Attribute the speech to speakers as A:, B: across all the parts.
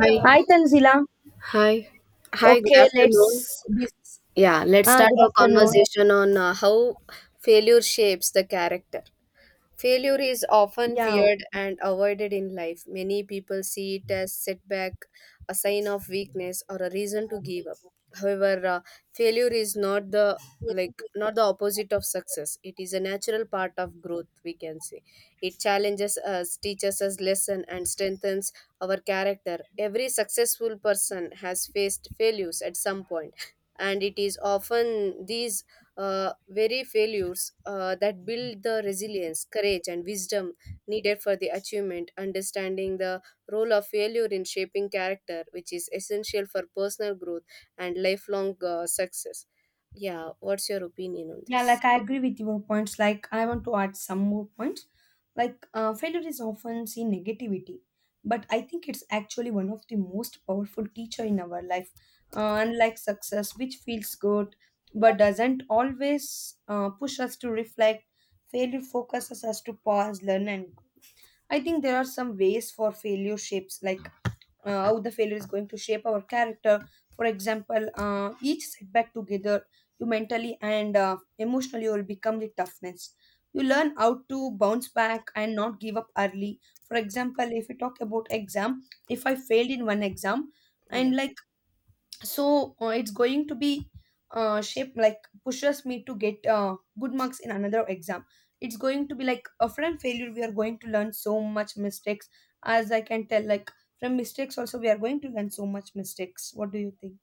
A: Hi.
B: Hi Tanzila.
A: Hi. Hi, good
B: Okay, let's
A: afternoon.
B: this
A: Yeah, let's
B: ah
A: start
B: good
A: our
B: afternoon.
A: conversation on how failure shapes the character. Failure is often
B: Yeah.
A: feared and avoided in life. Many people see it as setback, a sign of weakness, or a reason to give up.
B: Okay.
A: However, failure is not the opposite of success. It is a natural part of growth. We can say it challenges us, teaches us lesson, and strengthens our character. Every successful person has faced failures at some point, and it is often these very failures that build the resilience, courage, and wisdom needed for the achievement, understanding the role of failure in shaping character, which is essential for personal growth and lifelong success. Yeah, what's your opinion on
B: Yeah,
A: this?
B: like I agree with your points. Like I want to add some more points. Like failure is often seen negativity, but I think it's actually one of the most powerful teacher in our life. Unlike success, which feels good but doesn't always push us to reflect, failure focuses us to pause, learn, and grow. I think there are some ways for failure shapes like how the failure is going to shape our character. For example, each setback together, you mentally and emotionally you will become the toughness. You learn how to bounce back and not give up early. For example, if we talk about exam, if I failed in one exam,
A: Yeah.
B: and like so it's going to be shape like pushes me to get good marks in another exam. It's going to be like from failure we are going to learn so much mistakes, as I can tell, like from mistakes also we are going to learn so much mistakes. What do you think?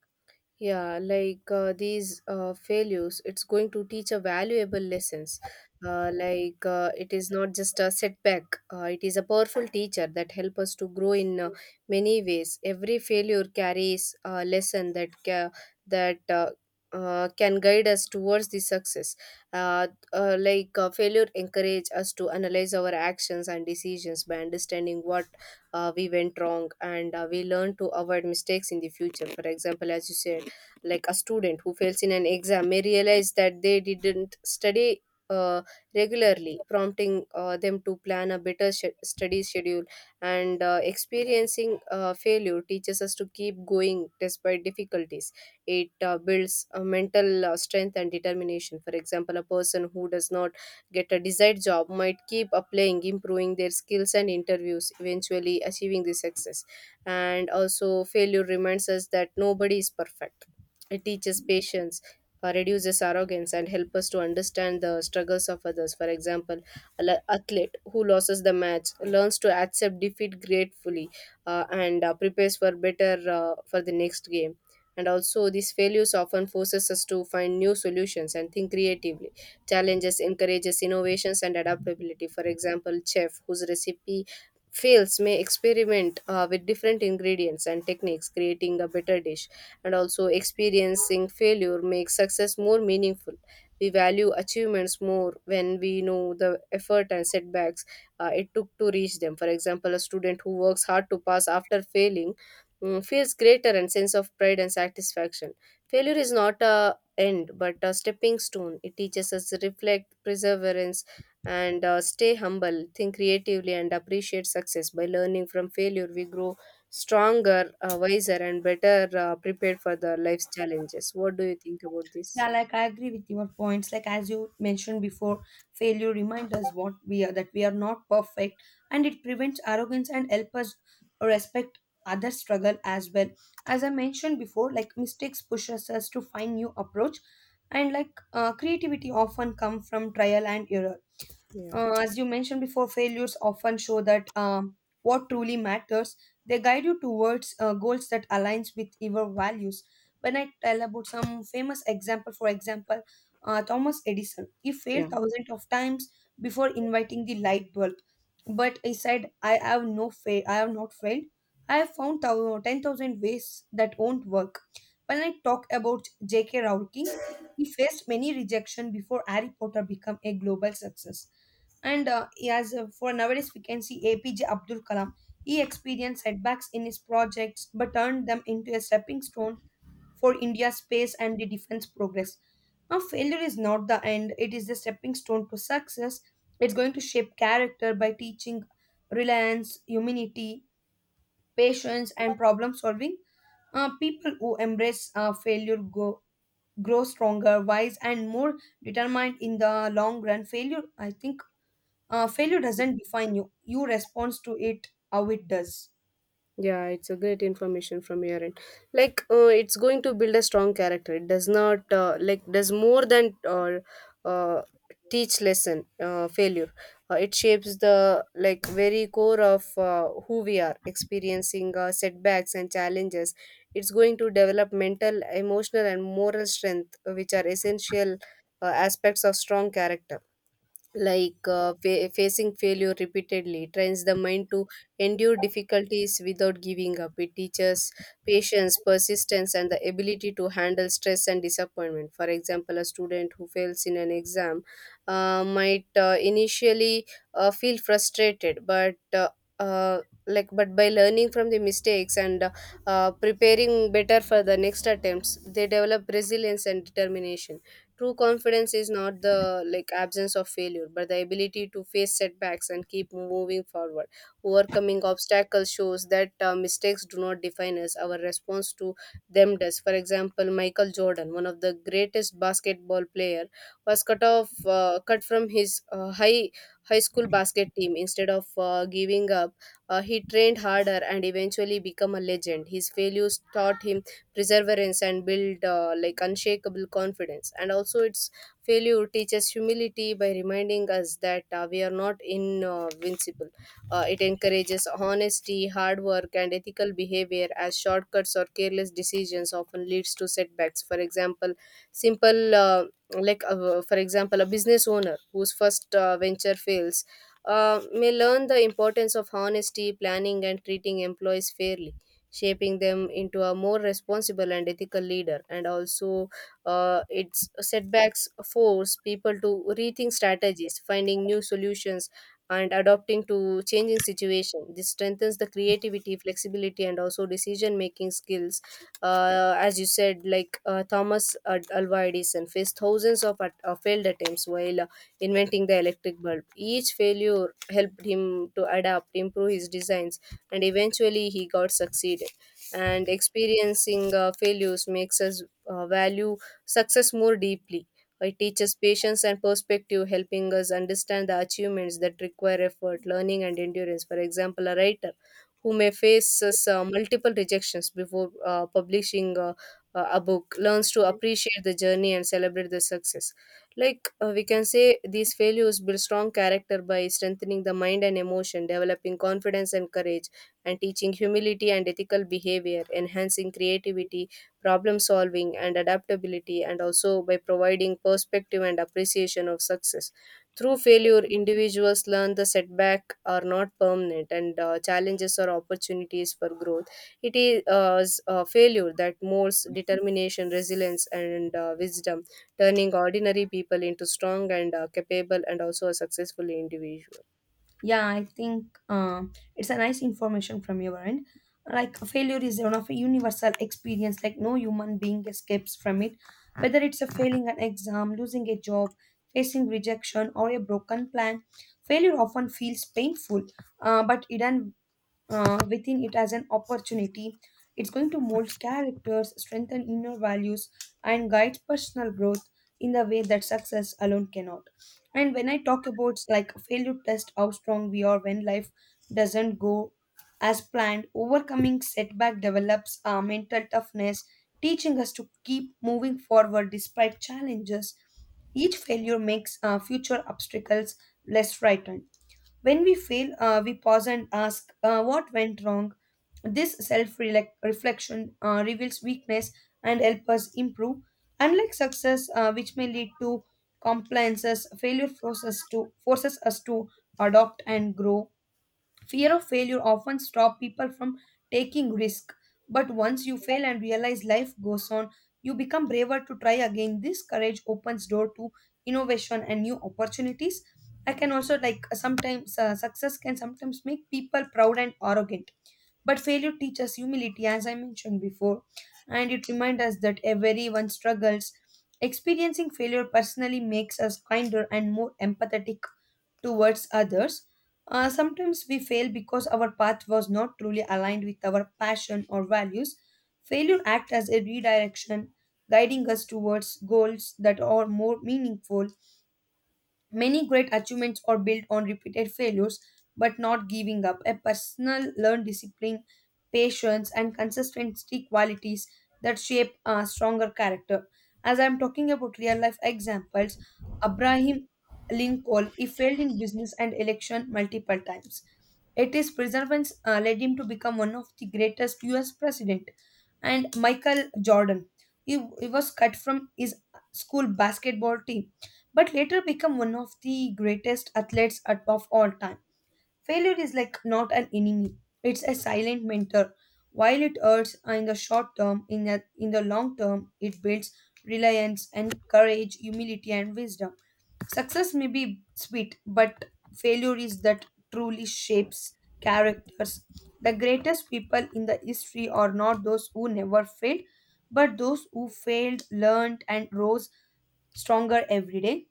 A: Yeah, these failures, it's going to teach a valuable lessons. It is not just a setback. It is a powerful teacher that help us to grow in many ways. Every failure carries a lesson that can guide us towards the success. uh, Failure encourage us to analyze our actions and decisions. By understanding what we went wrong, and we learn to avoid mistakes in the future. For example, as you said, like a student who fails in an exam may realize that they didn't study uh, regularly, prompting them to plan a study schedule. And experiencing failure teaches us to keep going despite difficulties. It builds mental strength and determination. For example, a person who does not get a desired job might keep applying, improving their skills and interviews, eventually achieving the success. And also, failure reminds us that nobody is perfect. It teaches patience, reduces arrogance, and helps us to understand the struggles of others. For example, an athlete who loses the match learns to accept defeat gratefully, and prepares for better for the next game. And also, these failures often forces us to find new solutions and think creatively. Challenges encourages innovations and adaptability. For example, chef whose recipe fails may experiment with different ingredients and techniques, creating a better dish. And also, experiencing failure makes success more meaningful. We value achievements more when we know the effort and setbacks it took to reach them. For example, a student who works hard to pass after failing feels greater and sense of pride and satisfaction. Failure is not a end but a stepping stone. It teaches us to reflect perseverance and stay humble, think creatively, and appreciate success. By learning from failure, we grow stronger, wiser, and better prepared for the life's challenges. What do you think about this?
B: Yeah, like I agree with your points. Like as you mentioned before, failure reminds us what we are that we are not perfect, and it prevents arrogance and help us respect other struggle as well. As I mentioned before, like mistakes pushes us to find new approach, and like creativity often come from trial and error. As you mentioned before, failures often show that what truly matters. They guide you towards goals that aligns with your values. When I tell about some famous example, for example, Thomas Edison, he failed
A: Yeah.
B: thousands of times before inviting the light bulb, but he said, "I have no fail. I have not failed. I have found 10,000 ways that won't work." When I talk about J.K. Rowling, he faced many rejection before Harry Potter became a global success. And uh, as uh, for nowadays, we can see APJ Abdul Kalam. He experienced setbacks in his projects but turned them into a stepping stone for India's space and the defense progress. Now, failure is not the end, it is the stepping stone to success. It's going to shape character by teaching reliance, humility, patience, and problem solving. People who embrace failure grow stronger, wise, and more determined in the long run. Failure, I think Failure doesn't define you. You respond to it how it does.
A: Yeah, it's a great information from your end. Like, it's going to build a strong character. It does not does more than uh, teach lesson, failure. It shapes the very core of who we are. Experiencing setbacks and challenges, it's going to develop mental, emotional, and moral strength, which are essential aspects of strong character. Facing failure repeatedly trains the mind to endure difficulties without giving up. It teaches patience, persistence, and the ability to handle stress and disappointment. For example, a student who fails in an exam might initially feel frustrated, but by learning from the mistakes and preparing better for the next attempts, they develop resilience and determination. True confidence is not the absence of failure, but the ability to face setbacks and keep moving forward. Overcoming obstacles shows that mistakes do not define us; our response to them does. For example, Michael Jordan, one of the greatest basketball player, was cut from his high school basket team. Instead of giving up, he trained harder and eventually become a legend. His failures taught him perseverance and build, unshakable confidence. And also, its failure teaches humility by reminding us that we are not invincible. It encourages honesty, hard work, and ethical behavior, as shortcuts or careless decisions often leads to setbacks. For example, simple like for example, a business owner whose first venture fails may learn the importance of honesty, planning, and treating employees fairly, shaping them into a more responsible and ethical leader. And also, its setbacks force people to rethink strategies, finding new solutions, and adapting to changing situation. This strengthens the creativity, flexibility, and also decision making skills. As you said, Thomas Alva Edison faced thousands of failed attempts while inventing the electric bulb. Each failure helped him to adapt, improve his designs, and eventually he got succeeded. And experiencing failures makes us value success more deeply. It teaches patience and perspective, helping us understand the achievements that require effort, learning, and endurance. For example, a writer who may face multiple rejections before publishing a book learns to appreciate the journey and celebrate the success. We can say these failures build strong character by strengthening the mind and emotion, developing confidence and courage, and teaching humility and ethical behavior, enhancing creativity, problem solving, and adaptability, and also by providing perspective and appreciation of success. Through failure, individuals learn the setback are not permanent and challenges are opportunities for growth. It is failure that molds determination, resilience, and wisdom, turning ordinary people into strong and capable and also a successful individual.
B: Yeah, I think it's a nice information from your end. Like failure is one of a universal experience. Like no human being escapes from it. Whether it's a failing an exam, losing a job, facing rejection, or a broken plan, failure often feels painful. But hidden within it as an opportunity. It's going to mold characters, strengthen inner values, and guide personal growth in the way that success alone cannot. And when I talk about like failure test how strong we are when life doesn't go as planned, overcoming setback develops our mental toughness, teaching us to keep moving forward despite challenges. Each failure makes future obstacles less frightened. When we fail, we pause and ask, what went wrong? This self reflection reveals weakness and helps us improve. Unlike success, which may lead to compliances, failure forces us to adopt and grow. Fear of failure often stop people from taking risk, but once you fail and realize life goes on, you become braver to try again. This courage opens door to innovation and new opportunities. I can also like sometimes success can sometimes make people proud and arrogant, but failure teaches humility, as I mentioned before, and it reminds us that everyone struggles. Experiencing failure personally makes us kinder and more empathetic towards others. Sometimes we fail because our path was not truly aligned with our passion or values. Failure acts as a redirection, guiding us towards goals that are more meaningful. Many great achievements are built on repeated failures, but not giving up. A personal learned discipline, patience, and consistency qualities that shape a stronger character. As I'm talking about real life examples, Abraham Lincoln he failed in business and election multiple times. It is perseverance led him to become one of the greatest U.S. president. And Michael Jordan, he was cut from his school basketball team but later became one of the greatest of all time. Failure is like not an enemy, it's a silent mentor. While it hurts in the short term, in the long term, it builds reliance and courage, humility, and wisdom. Success may be sweet, but failure is that truly shapes characters. The greatest people in the history are not those who never failed, but those who failed, learned, and rose stronger every day.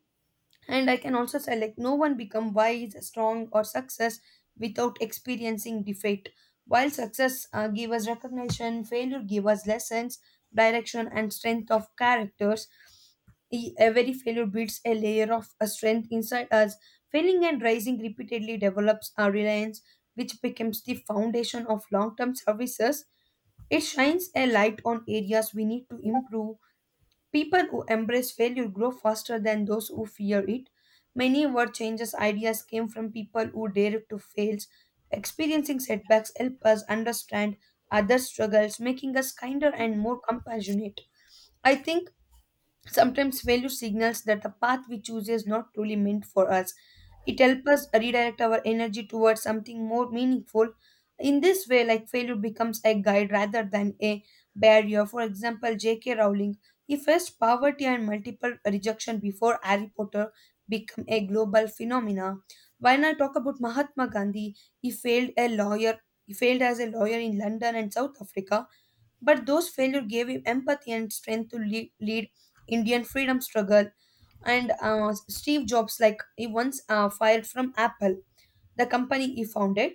B: And I can also say, like, no one become wise, strong, or success without experiencing defeat. While success give us recognition, failure give us lessons, direction, and strength of characters. Every failure builds a layer of a strength inside us. Failing and rising repeatedly develops our reliance, which becomes the foundation of long-term services. It shines a light on areas we need to improve. People who embrace failure grow faster than those who fear it. Many word changes ideas came from people who dared to fail. Experiencing setbacks help us understand other struggles, making us kinder and more compassionate. I think sometimes failure signals that the path we choose is not truly meant for us. It helps us redirect our energy towards something more meaningful. In this way, like failure becomes a guide rather than a barrier. For example, J.K. Rowling, he faced poverty and multiple rejection before Harry Potter became a global phenomena. When I talk about Mahatma Gandhi, he failed a lawyer. He failed as a lawyer in London and South Africa but those failures gave him empathy and strength to lead Indian freedom struggle. And Steve Jobs, like he once fired from Apple, the company he founded.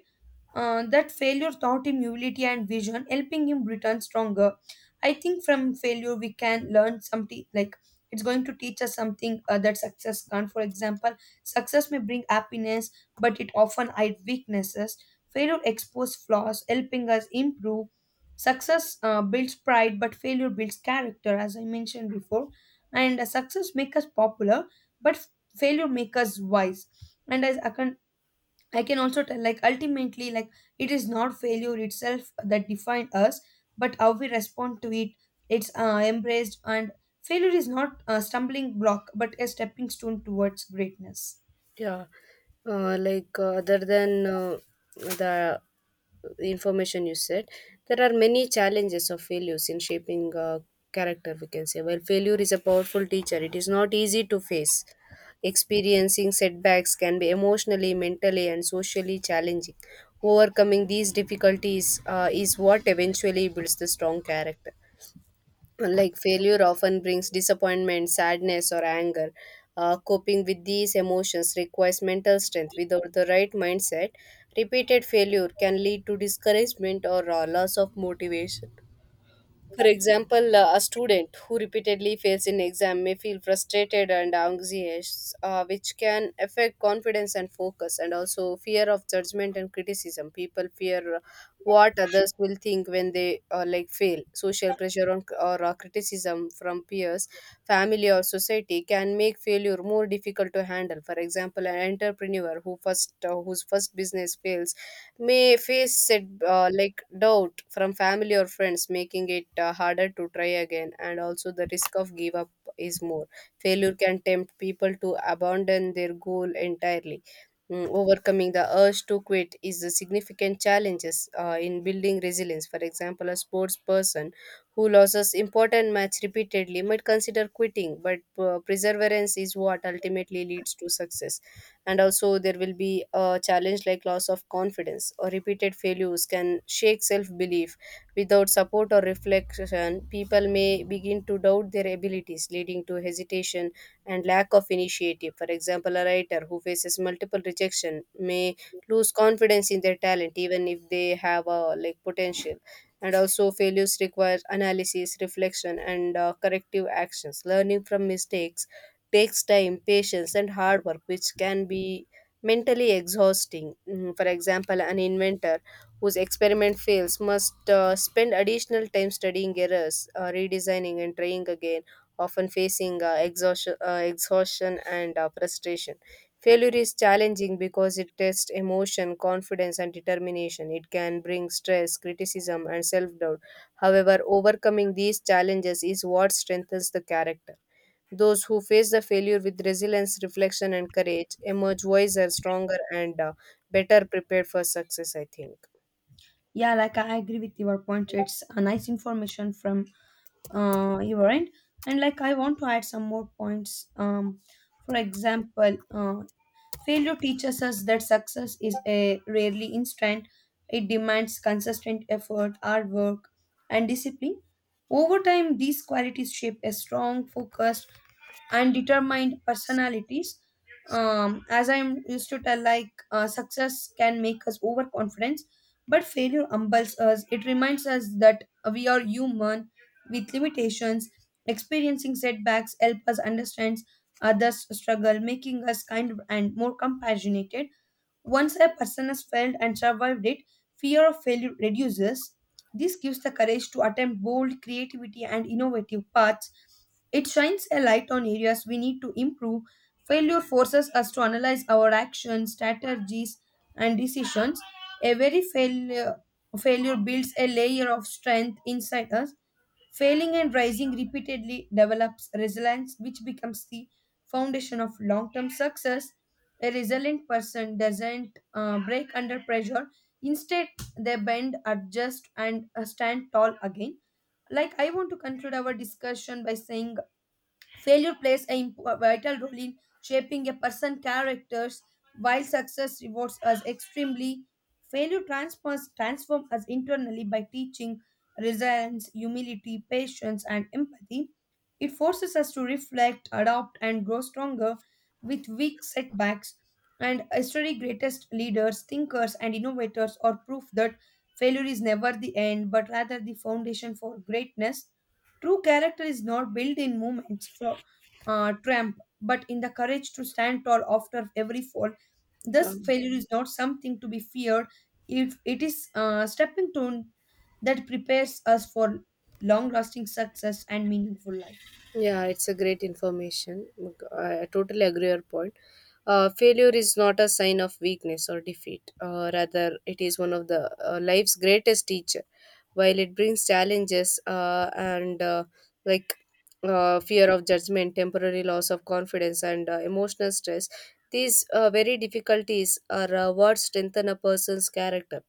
B: That failure taught him humility and vision, helping him return stronger. I think from failure we can learn something like it's going to teach us something that success can't. For example, success may bring happiness, but it often hides weaknesses. Failure exposes flaws, helping us improve. Success builds pride, but failure builds character, as I mentioned before. And success makes us popular, but failure makes us wise. And as I can also tell, like, ultimately, like, it is not failure itself that defined us, but how we respond to it, it's embraced, and Failure is not a stumbling block, but a stepping stone towards greatness.
A: Yeah, other than the information you said, there are many challenges of failures in shaping character, we can say. Well, failure is a powerful teacher, it is not easy to face. Experiencing setbacks can be emotionally, mentally, and socially challenging. Overcoming these difficulties is what eventually builds the strong character. Like failure often brings disappointment, sadness, or anger. Coping with these emotions requires mental strength. Without the right mindset, repeated failure can lead to discouragement or loss of motivation. For example, a student who repeatedly fails in exam may feel frustrated and anxious, which can affect confidence and focus. And also, fear of judgment and criticism. People fear what others will think when they fail. Social pressure on, or criticism from peers, family, or society can make failure more difficult to handle. For example, an entrepreneur whose first business fails may face set like doubt from family or friends, making it harder to try again. And also, the risk of give up is more. Failure can tempt people to abandon their goal entirely. Overcoming the urge to quit is a significant challenges in building resilience. For example, a sports person who loses important match repeatedly might consider quitting, but perseverance is what ultimately leads to success. And also, there will be a challenge like loss of confidence, or repeated failures can shake self-belief. Without support or reflection, people may begin to doubt their abilities, leading to hesitation and lack of initiative. For example, a writer who faces multiple rejection may lose confidence in their talent even if they have a potential. And also, failures require analysis, reflection, and corrective actions. Learning from mistakes takes time, patience, and hard work, which can be mentally exhausting. For example, an inventor whose experiment fails must spend additional time studying errors, redesigning, and trying again, often facing exhaustion and frustration. Failure is challenging because it tests emotion, confidence, and determination. It can bring stress, criticism, and self doubt. However, overcoming these challenges is what strengthens the character. Those who face the failure with resilience, reflection, and courage emerge wiser, stronger, and better prepared for success, I think.
B: Yeah, like, I agree with your point. It's a nice information from your end. And, like, I want to add some more points. For example, failure teaches us that success is a rarely instant. It demands consistent effort, hard work, and discipline. Over time, these qualities shape a strong, focused, and determined personalities. As I used to tell, like success can make us overconfident, but failure humbles us. It reminds us that we are human with limitations. Experiencing setbacks help us understand others' struggle, making us kind and more compassionate. Once a person has failed and survived it, fear of failure reduces. This gives the courage to attempt bold creativity and innovative paths. It shines a light on areas we need to improve. Failure forces us to analyze our actions, strategies, and decisions. Every failure, failure builds a layer of strength inside us. Failing and rising repeatedly develops resilience, which becomes the foundation of long term success. A resilient person doesn't break under pressure, instead, they bend, adjust, and stand tall again. Like, I want to conclude our discussion by saying failure plays a a vital role in shaping a person's characters, while success rewards us extremely. Failure transforms us internally by teaching resilience, humility, patience, and empathy. It forces us to reflect, adapt, and grow stronger with weak setbacks. And history's greatest leaders, thinkers, and innovators are proof that failure is never the end, but rather the foundation for greatness. True character is not built in moments for triumph, but in the courage to stand tall after every fall.
A: Yeah.
B: Thus, failure is not something to be feared. If it is a stepping stone that prepares us for long-lasting success and meaningful life.
A: Yeah, it's a great information. I totally agree your point. Failure is not a sign of weakness or defeat. Rather, it is one of the life's greatest teacher. While it brings challenges and like fear of judgment, temporary loss of confidence, and emotional stress, these very difficulties are what strengthen a person's character.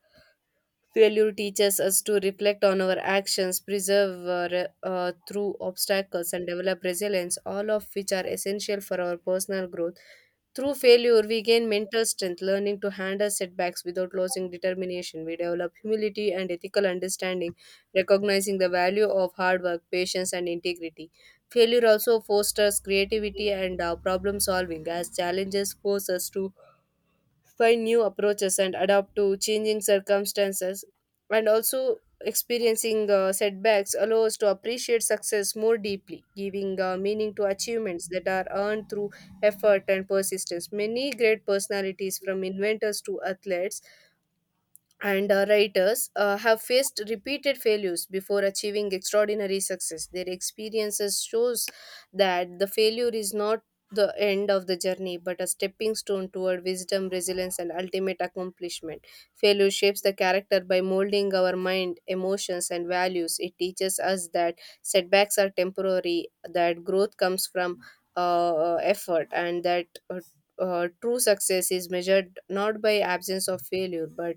A: Failure teaches us to reflect on our actions, preserve through obstacles, and develop resilience, all of which are essential for our personal growth. Through failure, we gain mental strength, learning to handle setbacks without losing determination. We develop humility and ethical understanding, recognizing the value of hard work, patience, and integrity. Failure also fosters creativity and problem solving, as challenges force us to find new approaches and adapt to changing circumstances. And also, experiencing setbacks allows to appreciate success more deeply, giving meaning to achievements that are earned through effort and persistence. Many great personalities, from inventors to athletes and writers, have faced repeated failures before achieving extraordinary success. Their experiences shows that the failure is not the end of the journey, but a stepping stone toward wisdom, resilience, and ultimate accomplishment. Failure shapes the character by molding our mind, emotions, and values. It teaches us that setbacks are temporary, that growth comes from effort, and that true success is measured not by absence of failure, but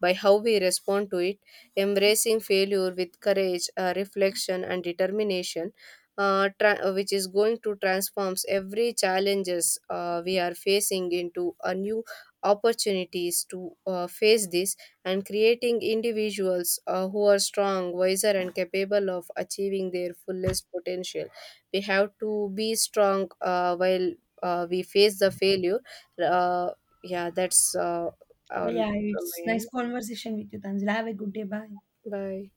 A: by how we respond to it. Embracing failure with courage, reflection, and determination, which is going to transforms every challenges we are facing into a new opportunities to face this, and creating individuals who are strong, wiser, and capable of achieving their fullest potential. We have to be strong while we face the failure. Uh, yeah, that's all
B: But yeah,
A: from
B: it's
A: my end.
B: nice conversation with you, Tanzila. Have a good day. Bye.
A: Bye.